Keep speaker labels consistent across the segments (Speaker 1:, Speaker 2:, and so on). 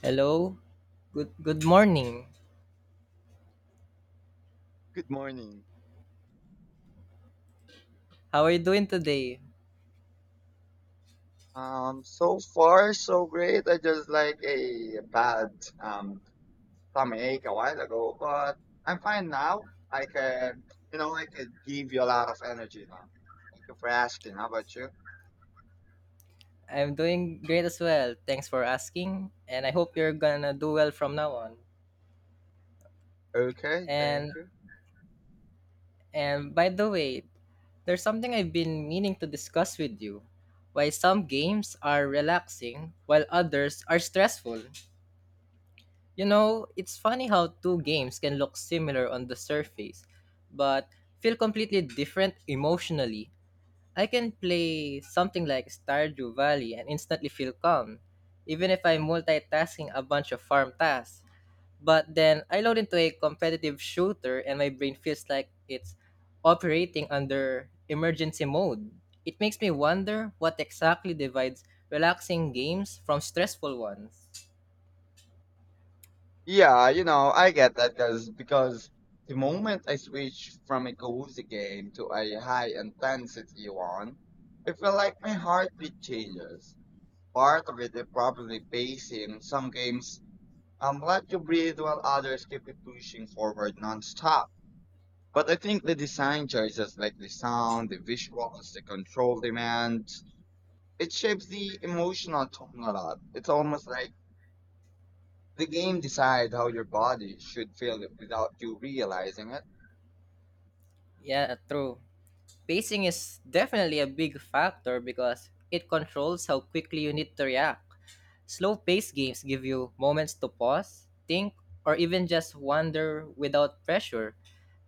Speaker 1: Hello. Good morning.
Speaker 2: Good morning.
Speaker 1: How are you doing today?
Speaker 2: So far so great. I just like a bad um stomachache a while ago, but I'm fine now. I can, you know, I can give you a lot of energy now. Thank you for asking. How about you?
Speaker 1: I'm doing great as well. Thanks for asking. And I hope you're gonna do well from now on.
Speaker 2: Okay,
Speaker 1: And
Speaker 2: thank you.
Speaker 1: and by the way, there's something I've been meaning to discuss with you. Why some games are relaxing while others are stressful. You know, it's funny how two games can look similar on the surface, but feel completely different emotionally. I can play something like Stardew Valley and instantly feel calm, even if I'm multitasking a bunch of farm tasks. But then I load into a competitive shooter and my brain feels like it's operating under emergency mode. It makes me wonder what exactly divides relaxing games from stressful ones.
Speaker 2: Yeah, you know, I get that because the moment I switch from a cozy game to a high intensity one, I feel like my heartbeat changes. Part of it is probably based in some games I'm glad you breathe while others keep it pushing forward nonstop. But I think the design choices like the sound, the visuals, the control demands, it shapes the emotional tone a lot. It's almost like the game decides how your body should feel it without you realizing it.
Speaker 1: Yeah, true. Pacing is definitely a big factor because it controls how quickly you need to react. Slow paced games give you moments to pause, think, or even just wander without pressure.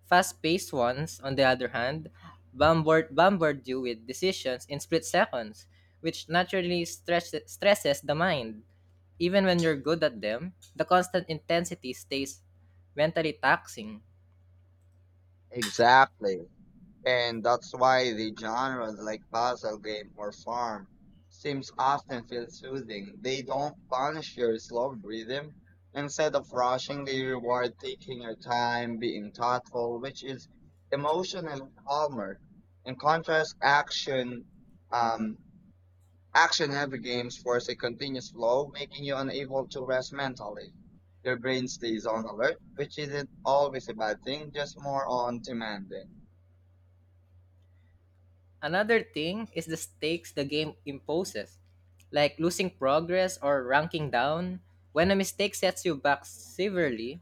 Speaker 1: Fast paced ones, on the other hand, bombard you with decisions in split seconds, which naturally stresses the mind. Even when you're good at them, the constant intensity stays mentally taxing.
Speaker 2: Exactly. And that's why the genres like puzzle game or farm seems often feel soothing. They don't punish your slow rhythm. Instead of rushing, they reward taking your time, being thoughtful, which is emotionally calmer. In contrast, um, action heavy games force a continuous flow, making you unable to rest mentally. Your brain stays on alert, which isn't always a bad thing, just more on demand.
Speaker 1: Another thing is the stakes the game imposes, like losing progress or ranking down. When a mistake sets you back severely,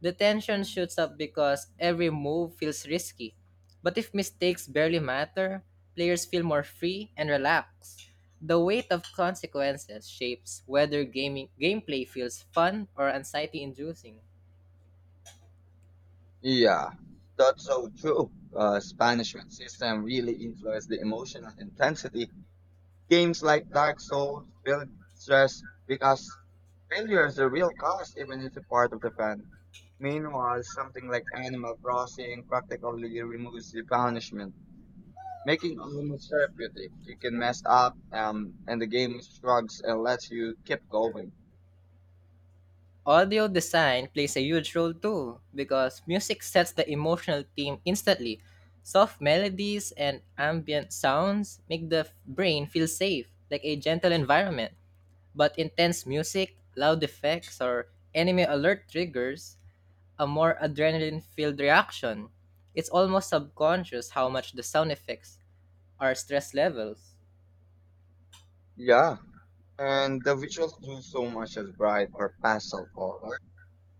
Speaker 1: the tension shoots up because every move feels risky. But if mistakes barely matter, players feel more free and relaxed. The weight of consequences shapes whether gaming gameplay feels fun or anxiety-inducing.
Speaker 2: Yeah, that's so true. Spanish system really influenced the emotional intensity. Games like Dark Souls build stress because failure is the real cost, even if it's a part of the fun. Meanwhile, something like Animal Crossing practically removes the punishment, making almost therapeutic. You can mess up, and the game shrugs and lets you keep going.
Speaker 1: Audio design plays a huge role too because music sets the emotional theme instantly. Soft melodies and ambient sounds make the brain feel safe, like a gentle environment. But intense music, loud effects, or enemy alert triggers a more adrenaline filled reaction. It's almost subconscious how much the sound effects are stress levels.
Speaker 2: Yeah, and the visuals do so much as bright or pastel colors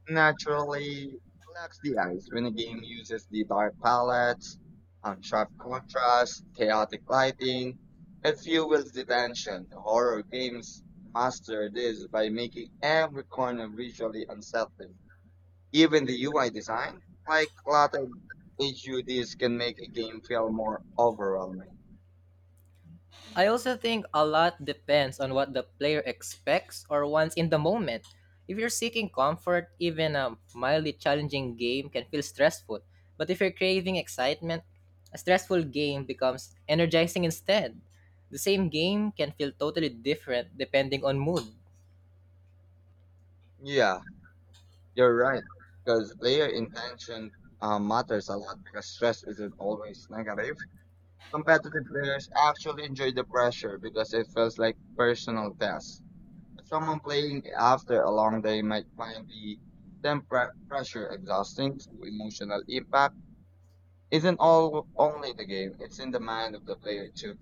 Speaker 2: naturally relax the eyes when a game uses the dark palettes, sharp contrast, chaotic lighting. It fuels the tension. Horror games master this by making every corner visually unsettling. Even the UI design, like cluttered HUDs, can make a game feel more overwhelming.
Speaker 1: I also think a lot depends on what the player expects or wants in the moment. If you're seeking comfort, even a mildly challenging game can feel stressful. But if you're craving excitement, a stressful game becomes energizing instead. The same game can feel totally different depending on mood.
Speaker 2: Yeah, you're right. Because player intention matters a lot because stress isn't always negative. Competitive players actually enjoy the pressure because it feels like personal test. Someone playing after a long day might find the pressure exhausting, so emotional impact isn't all only the game, it's in the mind of the player too.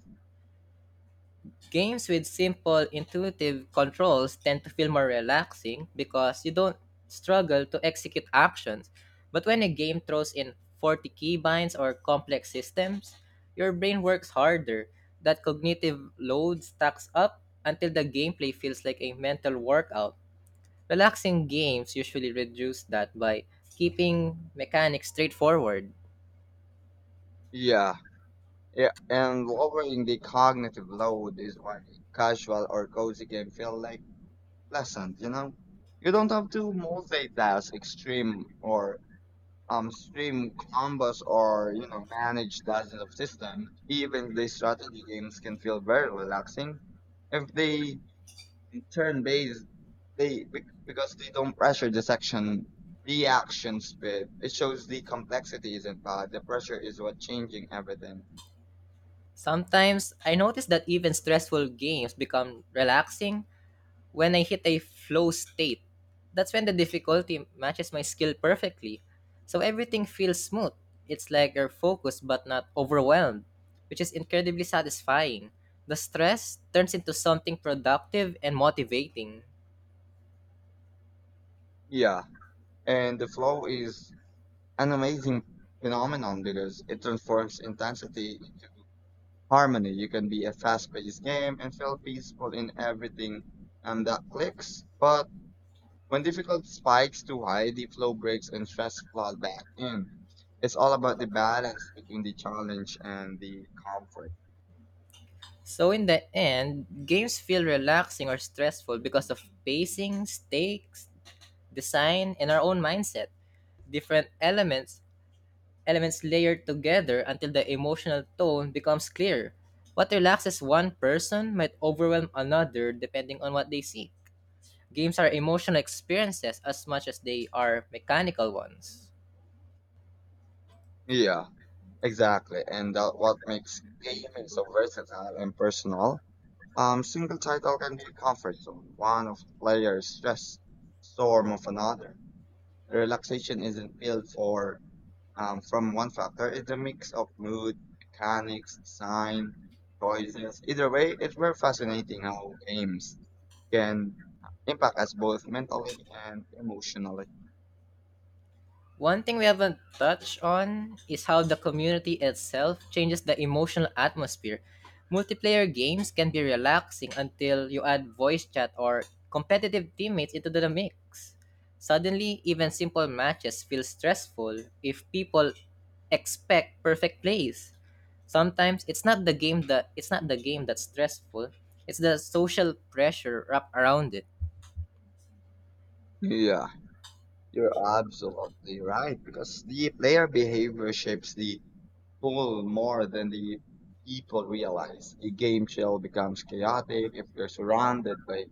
Speaker 1: Games with simple, intuitive controls tend to feel more relaxing because you don't struggle to execute actions. But when a game throws in 40 keybinds or complex systems, your brain works harder. That cognitive load stacks up until the gameplay feels like a mental workout. Relaxing games usually reduce that by keeping mechanics straightforward.
Speaker 2: Yeah. Yeah, and lowering the cognitive load is why casual or cozy game feel like pleasant, you know? You don't have to multitask extreme or stream combos, or you know, manage dozens of systems. Even the strategy games can feel very relaxing if they turn based. Because they don't pressure the section reaction speed. It shows the complexity isn't bad. The pressure is what changing everything.
Speaker 1: Sometimes I notice that even stressful games become relaxing when I hit a flow state. That's when the difficulty matches my skill perfectly, so everything feels smooth. It's like you're focused but not overwhelmed, which is incredibly satisfying. The stress turns into something productive and motivating.
Speaker 2: Yeah, and the flow is an amazing phenomenon because it transforms intensity harmony. You can be a fast-paced game and feel peaceful in everything and that clicks. But when difficult spikes too high, the flow breaks and stress flood back in. It's all about the balance between the challenge and the comfort.
Speaker 1: So in the end, games feel relaxing or stressful because of pacing, stakes, design, and our own mindset. Different elements layer together until the emotional tone becomes clear. What relaxes one person might overwhelm another depending on what they seek. Games are emotional experiences as much as they are mechanical ones.
Speaker 2: Yeah, exactly. And that what makes gaming so versatile and personal. Single title can be a comfort zone, one of the player's stress storm of another. Relaxation isn't built for from one factor. It's a mix of mood, mechanics, design, choices. Either way, it's very fascinating how games can impact us both mentally and emotionally.
Speaker 1: One thing we haven't touched on is how the community itself changes the emotional atmosphere. Multiplayer games can be relaxing until you add voice chat or competitive teammates into the mix. Suddenly, even simple matches feel stressful if people expect perfect plays. Sometimes it's not the game that's stressful, it's the social pressure wrapped around it.
Speaker 2: Yeah, you're absolutely right because the player behavior shapes the whole more than the people realize. A game shell becomes chaotic if you're surrounded by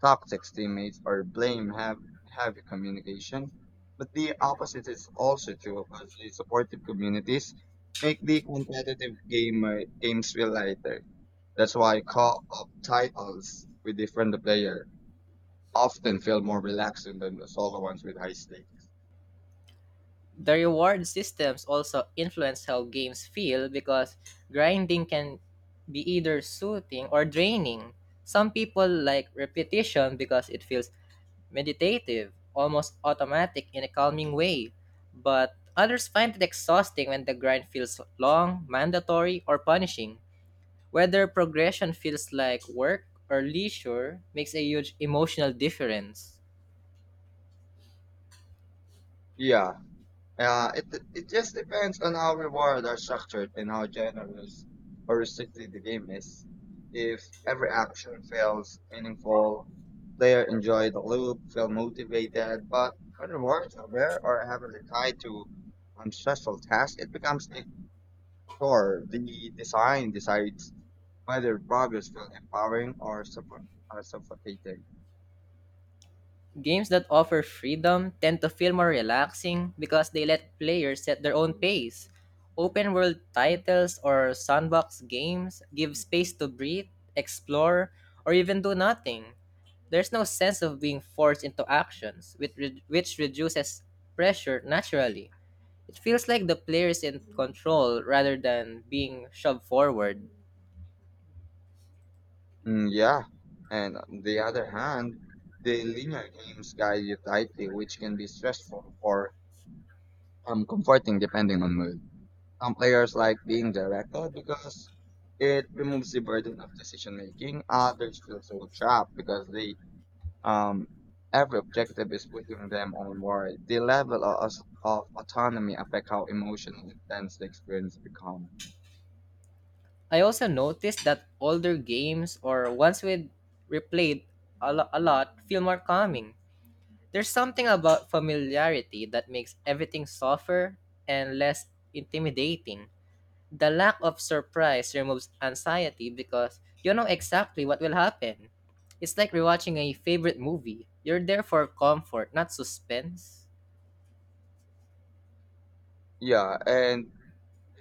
Speaker 2: toxic teammates or blame have heavy communication, but the opposite is also true because the supportive communities make the competitive gamer games feel lighter. That's why co-op titles with different player often feel more relaxing than the solo ones with high stakes.
Speaker 1: The reward systems also influence how games feel because grinding can be either soothing or draining. Some people like repetition because it feels meditative, almost automatic in a calming way, but others find it exhausting when the grind feels long, mandatory, or punishing. Whether progression feels like work or leisure makes a huge emotional difference.
Speaker 2: Yeah. It just depends on how rewards are structured and how generous or restricted the game is. If every action feels meaningful, player enjoy the loop, feel motivated, but when rewards are rare or heavily tied to unstressful tasks, it becomes a chore. The design decides whether progress feels empowering or suffocating.
Speaker 1: Games that offer freedom tend to feel more relaxing because they let players set their own pace. Open world titles or sandbox games give space to breathe, explore, or even do nothing. There's no sense of being forced into actions, which reduces pressure naturally. It feels like the player is in control rather than being shoved forward.
Speaker 2: Mm, yeah. And on the other hand, the linear games guide you tightly, which can be stressful or comforting depending on mood. Some players like being directed because it removes the burden of decision making. Others feel so trapped because they um every objective is pushing them onward. The level of autonomy affect how emotionally intense the experience become.
Speaker 1: I also noticed that older games or ones with replayed a lot feel more calming. There's something about familiarity that makes everything softer and less intimidating. The lack of surprise removes anxiety because you know exactly what will happen. It's like rewatching a favorite movie. You're there for comfort, not suspense.
Speaker 2: Yeah, and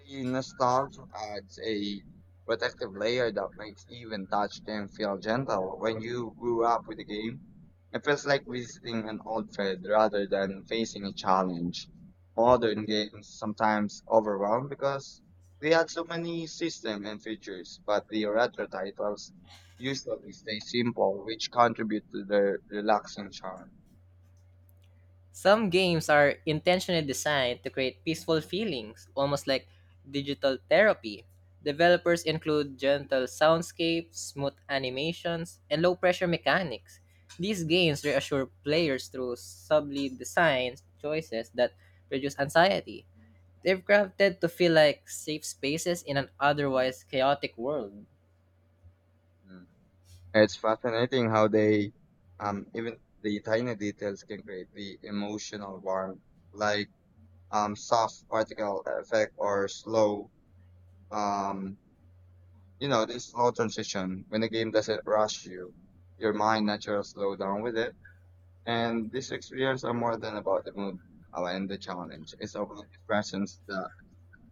Speaker 2: the nostalgia adds a protective layer that makes even touch game feel gentle. When you grew up with the game, it feels like visiting an old friend rather than facing a challenge. Modern games sometimes overwhelm because they add so many systems and features, but the retro titles usually stay simple, which contribute to their relaxing charm.
Speaker 1: Some games are intentionally designed to create peaceful feelings, almost like digital therapy. Developers include gentle soundscapes, smooth animations, and low pressure mechanics. These games reassure players through subtly designed choices that reduce anxiety. They've crafted to feel like safe spaces in an otherwise chaotic world.
Speaker 2: It's fascinating how even the tiny details can create the emotional warmth, like soft particle effect or slow, um, you know, this slow transition when the game doesn't rush you, your mind naturally slow down with it. And these experiences are more than about the mood and the challenge. It's about the presence that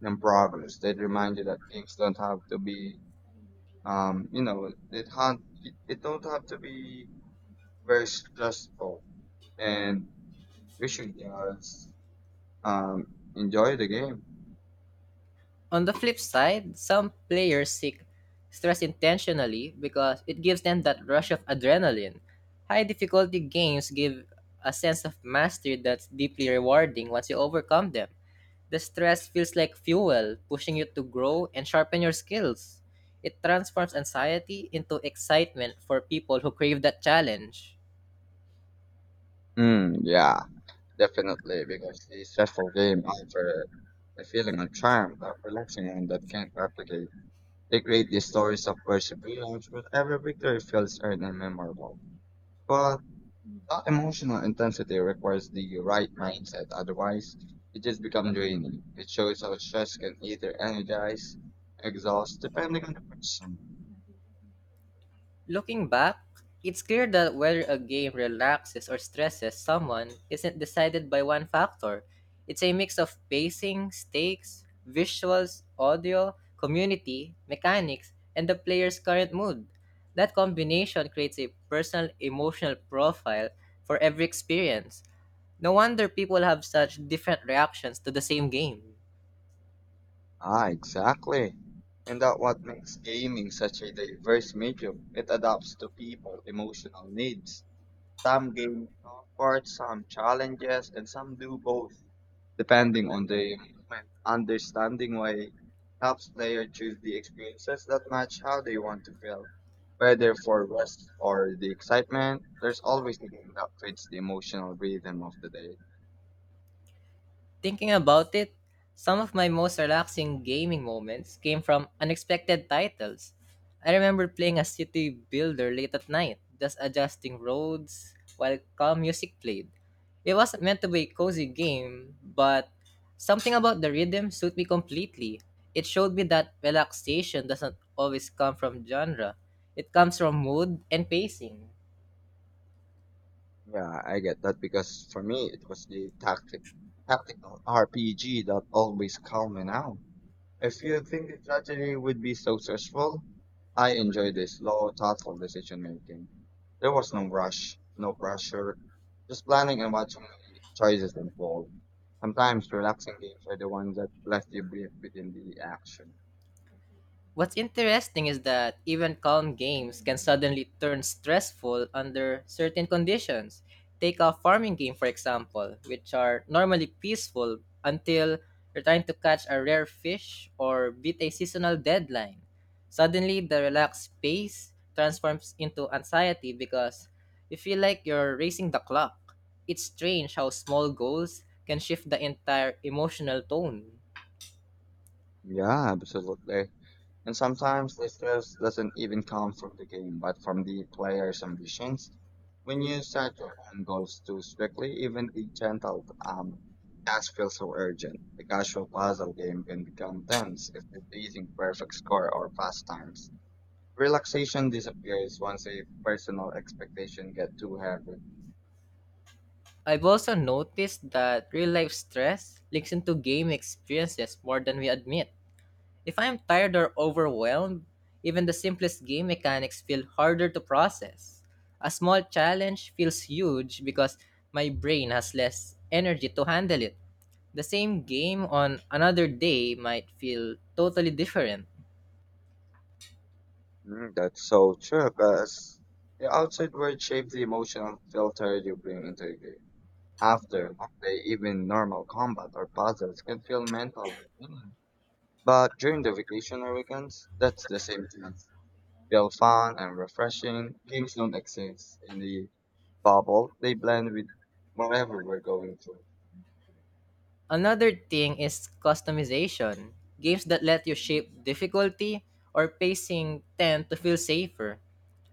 Speaker 2: and progress. They remind you that things don't have to be, you know, it don't have to be very stressful and we should just um, enjoy the game.
Speaker 1: On the flip side, some players seek stress intentionally because it gives them that rush of adrenaline. High difficulty games give a sense of mastery that's deeply rewarding once you overcome them. The stress feels like fuel, pushing you to grow and sharpen your skills. It transforms anxiety into excitement for people who crave that challenge.
Speaker 2: Mm, yeah, definitely, because a stressful game offers a feeling of charm that relaxing and that can't replicate. They create these stories of perseverance, but every victory feels earned and memorable. But that emotional intensity requires the right mindset, otherwise it just becomes draining. It shows how stress can either energize, exhaust, depending on the person.
Speaker 1: Looking back, it's clear that whether a game relaxes or stresses someone isn't decided by one factor. It's a mix of pacing, stakes, visuals, audio, community, mechanics, and the player's current mood. That combination creates a personal emotional profile for every experience. No wonder people have such different reactions to the same game.
Speaker 2: Ah, exactly. And that what makes gaming such a diverse medium. It adapts to people' emotional needs. Some games comfort, some challenges, and some do both, depending on the moment. Understanding why helps player choose the experiences that match how they want to feel. Whether for rest or the excitement, there's always the game that fits the emotional rhythm of the day.
Speaker 1: Thinking about it, some of my most relaxing gaming moments came from unexpected titles. I remember playing a city builder late at night, just adjusting roads while calm music played. It wasn't meant to be a cozy game, but something about the rhythm suited me completely. It showed me that relaxation doesn't always come from genre. It comes from mood and pacing.
Speaker 2: Yeah, I get that because for me it was the tactical RPG that always calmed me down. If you think the strategy would be so stressful, I enjoyed the slow, thoughtful decision making. There was no rush, no pressure, just planning and watching the choices unfold. Sometimes relaxing games are the ones that left you breathe within the action.
Speaker 1: What's interesting is that even calm games can suddenly turn stressful under certain conditions. Take a farming game, for example, which are normally peaceful until you're trying to catch a rare fish or beat a seasonal deadline. Suddenly, the relaxed pace transforms into anxiety because you feel like you're racing the clock. It's strange how small goals can shift the entire emotional tone.
Speaker 2: Yeah, absolutely. And sometimes the stress doesn't even come from the game, but from the player's ambitions. When you set your own goals too strictly, even the gentle task feels so urgent. The casual puzzle game can become tense if you're chasing perfect score or fast times. Relaxation disappears once a personal expectation get too heavy.
Speaker 1: I've also noticed that real life stress leaks into game experiences more than we admit. If I am tired or overwhelmed, even the simplest game mechanics feel harder to process. A small challenge feels huge because my brain has less energy to handle it. The same game on another day might feel totally different.
Speaker 2: Mm, that's so true, because the outside world shapes the emotional filter you bring into the game. After they even normal combat or puzzles can feel mental. But during the vacation or weekends, that's the same thing. Feel fun and refreshing. Games don't exist in the bubble. They blend with whatever we're going through.
Speaker 1: Another thing is customization. Games that let you shape difficulty or pacing tend to feel safer.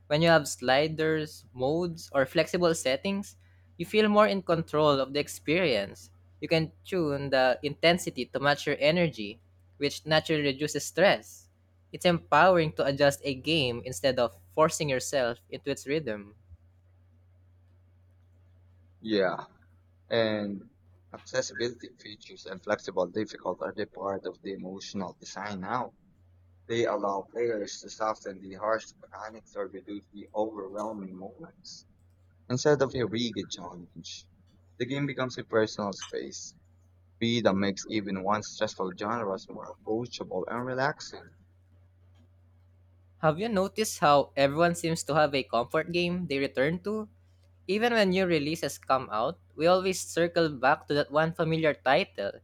Speaker 1: When you have sliders, modes, or flexible settings, you feel more in control of the experience. You can tune the intensity to match your energy, which naturally reduces stress. It's empowering to adjust a game instead of forcing yourself into its rhythm.
Speaker 2: Yeah. And accessibility features and flexible difficult are the part of the emotional design now. They allow players to soften the harsh mechanics or reduce the overwhelming moments. Instead of a rigid challenge, the game becomes a personal space. Be that makes even one stressful genres more approachable and relaxing.
Speaker 1: Have you noticed how everyone seems to have a comfort game they return to? Even when new releases come out, we always circle back to that one familiar title.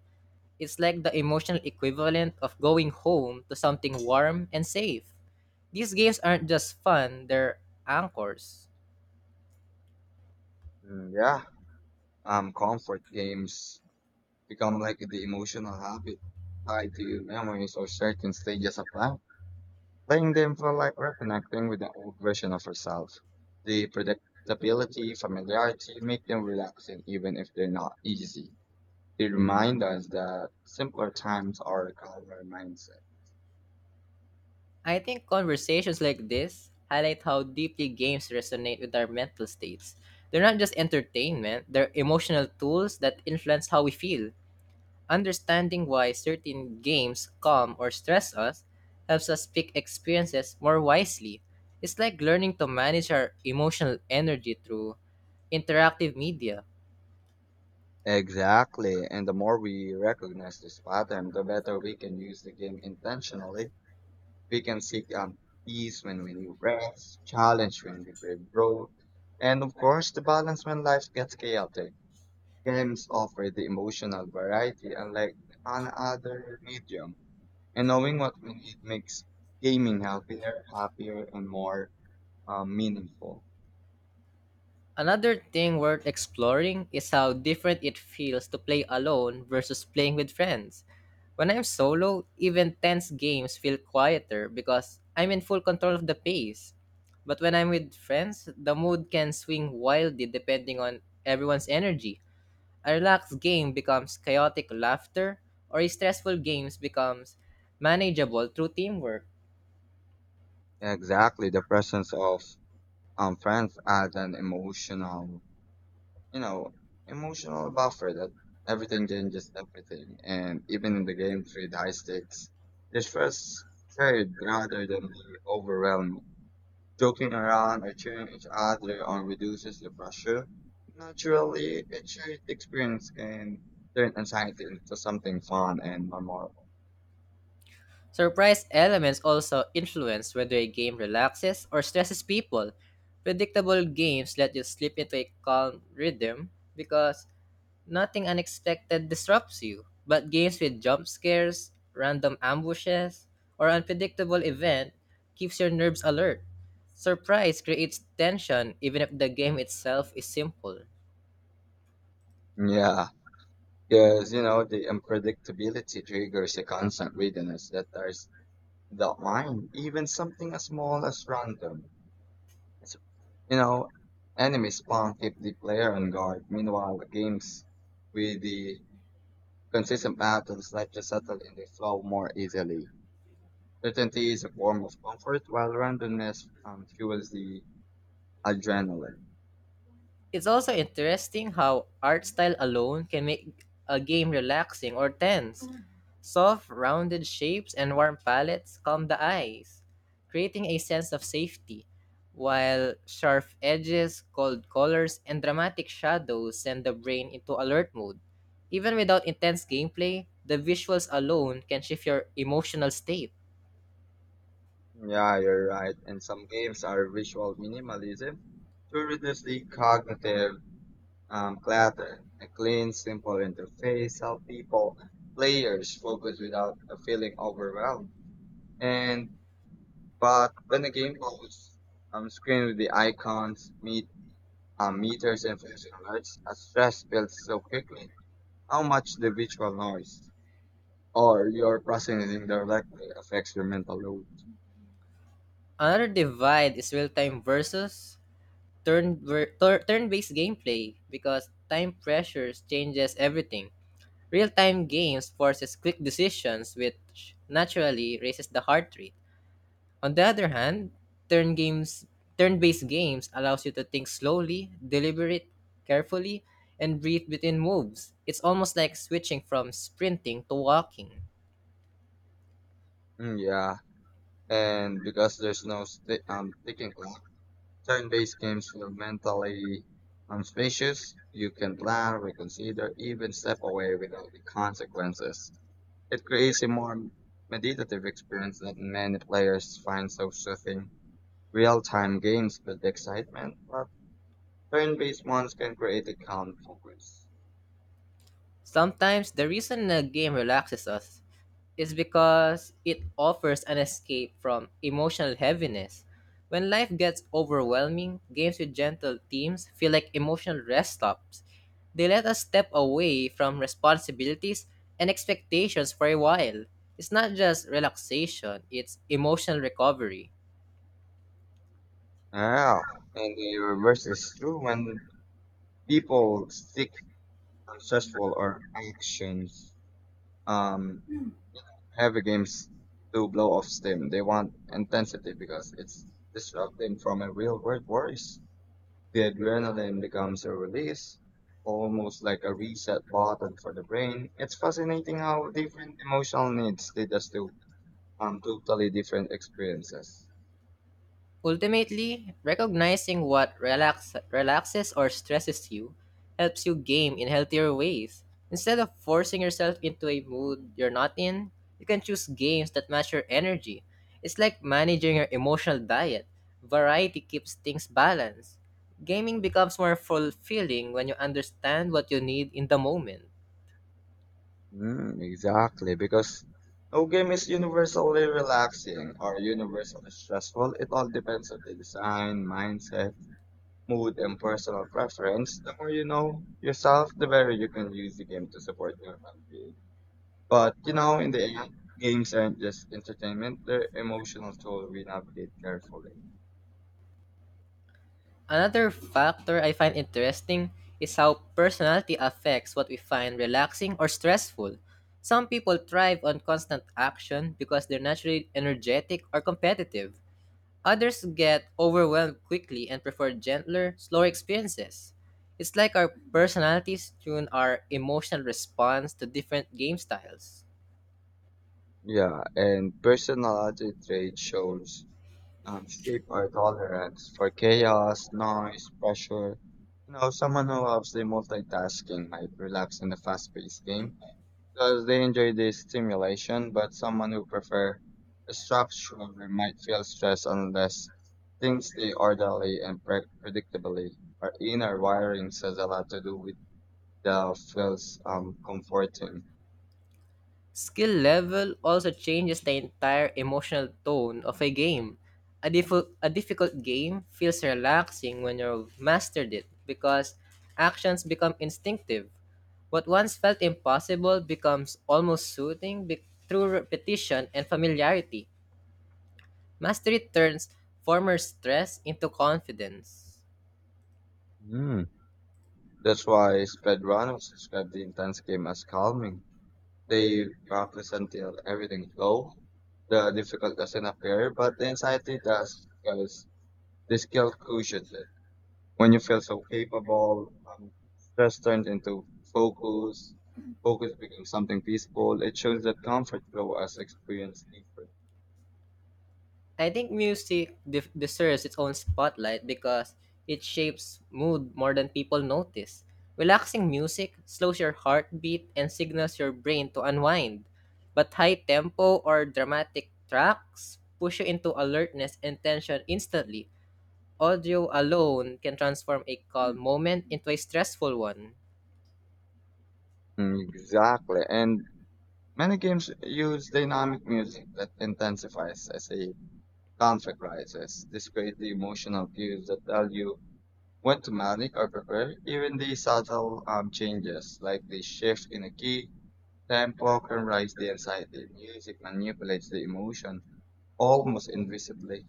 Speaker 1: It's like the emotional equivalent of going home to something warm and safe. These games aren't just fun, they're anchors.
Speaker 2: Mm, yeah, comfort games become like the emotional habit tied to memories or certain stages of life. Playing them felt like reconnecting with an old version of yourself. The predictability, familiarity make them relaxing even if they're not easy. They remind us that simpler times are a calmer mindset.
Speaker 1: I think conversations like this highlight how deeply games resonate with our mental states. They're not just entertainment, they're emotional tools that influence how we feel. Understanding why certain games calm or stress us helps us pick experiences more wisely. It's like learning to manage our emotional energy through interactive media.
Speaker 2: Exactly. And the more we recognize this pattern, the better we can use the game intentionally. We can seek out peace when we need rest, challenge when we crave growth, and of course, the balance when life gets chaotic. Games offer the emotional variety unlike an other medium. And knowing what we need makes gaming healthier, happier, and more meaningful.
Speaker 1: Another thing worth exploring is how different it feels to play alone versus playing with friends. When I'm solo, even tense games feel quieter because I'm in full control of the pace. But when I'm with friends, the mood can swing wildly depending on everyone's energy. A relaxed game becomes chaotic laughter, or a stressful game becomes manageable through teamwork.
Speaker 2: Exactly. The presence of friends adds an emotional, you know, emotional buffer that everything changes everything. And even in the games with high stakes, it feels shared rather than being overwhelming. Joking around or cheering each other on reduces the pressure. Naturally, a shared experience can turn anxiety into something fun and memorable.
Speaker 1: Surprise elements also influence whether a game relaxes or stresses people. Predictable games let you slip into a calm rhythm because nothing unexpected disrupts you. But games with jump scares, random ambushes, or unpredictable event keeps your nerves alert. Surprise creates tension even if the game itself is simple.
Speaker 2: Yeah, because you know the unpredictability triggers a constant readiness that there's the mind, even something as small as random It's, you know, enemy spawn keep the player on guard. Meanwhile, games with the consistent battles let you settle in the flow more easily. Certainty is a form of comfort, while randomness fuels the adrenaline.
Speaker 1: It's also interesting how art style alone can make a game relaxing or tense. Soft, rounded shapes and warm palettes calm the eyes, creating a sense of safety, while sharp edges, cold colors, and dramatic shadows send the brain into alert mode. Even without intense gameplay, the visuals alone can shift your emotional state.
Speaker 2: Yeah, you're right. And some games are visual minimalism to reduce the cognitive clutter. A clean, simple interface help people players focus without feeling overwhelmed. And But when the game holds screen with the icons, meters, and flashing lights, a stress builds so quickly. How much the visual noise or your processing directly affects your mental load?
Speaker 1: Another divide is real time versus turn-based gameplay because time pressures changes everything. Real-time games forces quick decisions which naturally raises the heart rate. On the other hand, turn games turn-based games allows you to think slowly, deliberate, carefully, and breathe between moves. It's almost like switching from sprinting to walking.
Speaker 2: Mm, yeah, and because there's no sticking clock, turn-based games feel mentally spacious. You can plan, reconsider, even step away without the consequences. It creates a more meditative experience that many players find so soothing. Real-time games build excitement, but turn-based ones can create a calm focus.
Speaker 1: Sometimes the reason a game relaxes us is because it offers an escape from emotional heaviness. When life gets overwhelming, games with gentle themes feel like emotional rest stops. They let us step away from responsibilities and expectations for a while. It's not just relaxation, it's emotional recovery.
Speaker 2: Ah, and the reverse is true when people seek successful or actions um heavy games to blow off steam. They want intensity because it's disrupting from a real world worries. The adrenaline becomes a release, almost like a reset button for the brain. It's fascinating how different emotional needs lead us to totally different experiences.
Speaker 1: Ultimately, recognizing what relaxes or stresses you helps you game in healthier ways. Instead of forcing yourself into a mood you're not in, you can choose games that match your energy. It's like managing your emotional diet. Variety keeps things balanced. Gaming becomes more fulfilling when you understand what you need in the moment.
Speaker 2: Mm, exactly, because no game is universally relaxing or universally stressful. It all depends on the design, mindset, mood, and personal preference. The more you know yourself, the better you can use the game to support your well-being. But you know, in the end, games aren't just entertainment; they're emotional tool we navigate carefully.
Speaker 1: Another factor I find interesting is how personality affects what we find relaxing or stressful. Some people thrive on constant action because they're naturally energetic or competitive. Others get overwhelmed quickly and prefer gentler, slower experiences. It's like our personalities tune our emotional response to different game styles.
Speaker 2: Yeah, and personality trait shows shape our tolerance for chaos, noise, pressure. You know, someone who loves the multitasking might relax in a fast-paced game because they enjoy the stimulation, but someone who prefer a structure might feel stress unless things stay orderly and predictably. Our inner wiring has a lot to do with the feels comforting.
Speaker 1: Skill level also changes the entire emotional tone of a game. A difficult game feels relaxing when you've mastered it because actions become instinctive. What once felt impossible becomes almost soothing through repetition and familiarity. Mastery turns former stress into confidence.
Speaker 2: Hmm. That's why Spedrano described the intense game as calming. They practice until everything flow. The difficult doesn't appear, but the anxiety does because the skill cushions it. When you feel so capable, stress turns into focus. Focus becomes something peaceful. It shows that comfort grows as experience deeper.
Speaker 1: I think music deserves its own spotlight because it shapes mood more than people notice. Relaxing music slows your heartbeat and signals your brain to unwind. But high tempo or dramatic tracks push you into alertness and tension instantly. Audio alone can transform a calm moment into a stressful one.
Speaker 2: Mm, exactly. And many games use dynamic music that intensifies as a conflict rises. This creates the emotional cues that tell you when to manic or prepare, even the subtle changes, like the shift in a key, tempo can rise the anxiety. Music manipulates the emotion almost invisibly.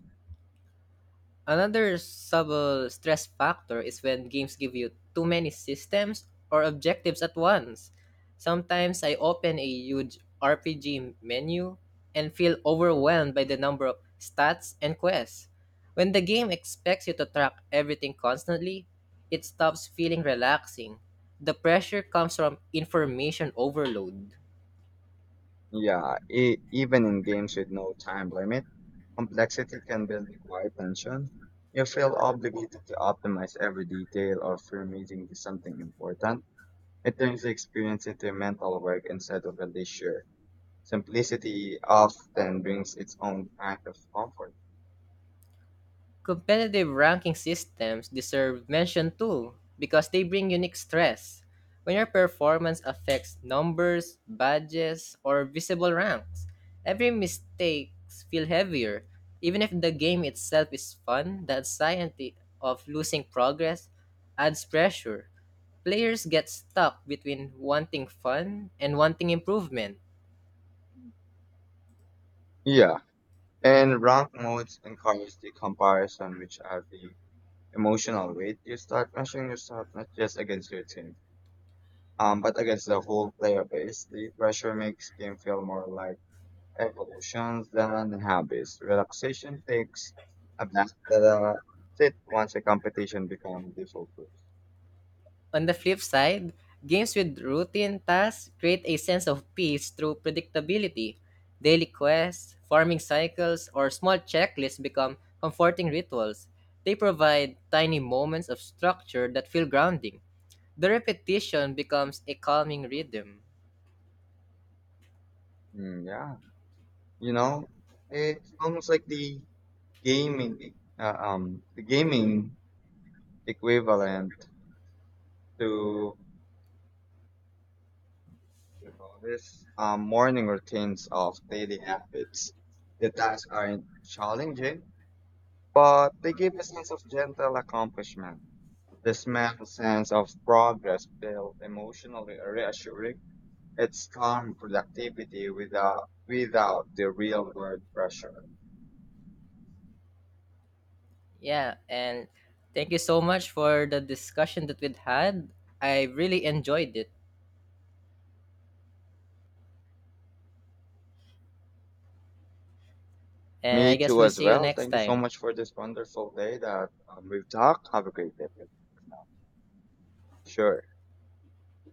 Speaker 1: Another subtle stress factor is when games give you too many systems or objectives at once. Sometimes I open a huge RPG menu and feel overwhelmed by the number of stats and quests. When the game expects you to track everything constantly, it stops feeling relaxing. The pressure comes from information overload.
Speaker 2: Even in games with no time limit, complexity can build a quiet tension. You feel obligated to optimize every detail or fear missing to something important. It turns the experience into mental work instead of a leisure. Simplicity often brings its own kind of comfort.
Speaker 1: Competitive ranking systems deserve mention too because they bring unique stress. When your performance affects numbers, badges, or visible ranks, every mistake feels heavier. Even if the game itself is fun, the anxiety of losing progress adds pressure. Players get stuck between wanting fun and wanting improvement.
Speaker 2: Yeah, in rank modes encourage the comparison, which add the emotional weight. You start measuring yourself not just against your team, but against the whole player base. The pressure makes game feel more like evolutions than habits. Relaxation takes a back that sit once a competition becomes the focus.
Speaker 1: On the flip side, games with routine tasks create a sense of peace through predictability. Daily quests, farming cycles, or small checklists become comforting rituals. They provide tiny moments of structure that feel grounding. The repetition becomes a calming rhythm.
Speaker 2: Mm, yeah, you know, it's almost like the the gaming equivalent to, you know, this morning routines of daily habits. The tasks aren't challenging, but they give a sense of gentle accomplishment. The small sense of progress feels emotionally reassuring. It's calm productivity without the real world pressure.
Speaker 1: Yeah, and thank you so much for the discussion that we'd had. I really enjoyed it. And I
Speaker 2: Me
Speaker 1: guess
Speaker 2: too
Speaker 1: we'll
Speaker 2: as
Speaker 1: see you
Speaker 2: well.
Speaker 1: next
Speaker 2: Thank you so
Speaker 1: time.
Speaker 2: much for this wonderful day that we've talked. Have a great day. Sure.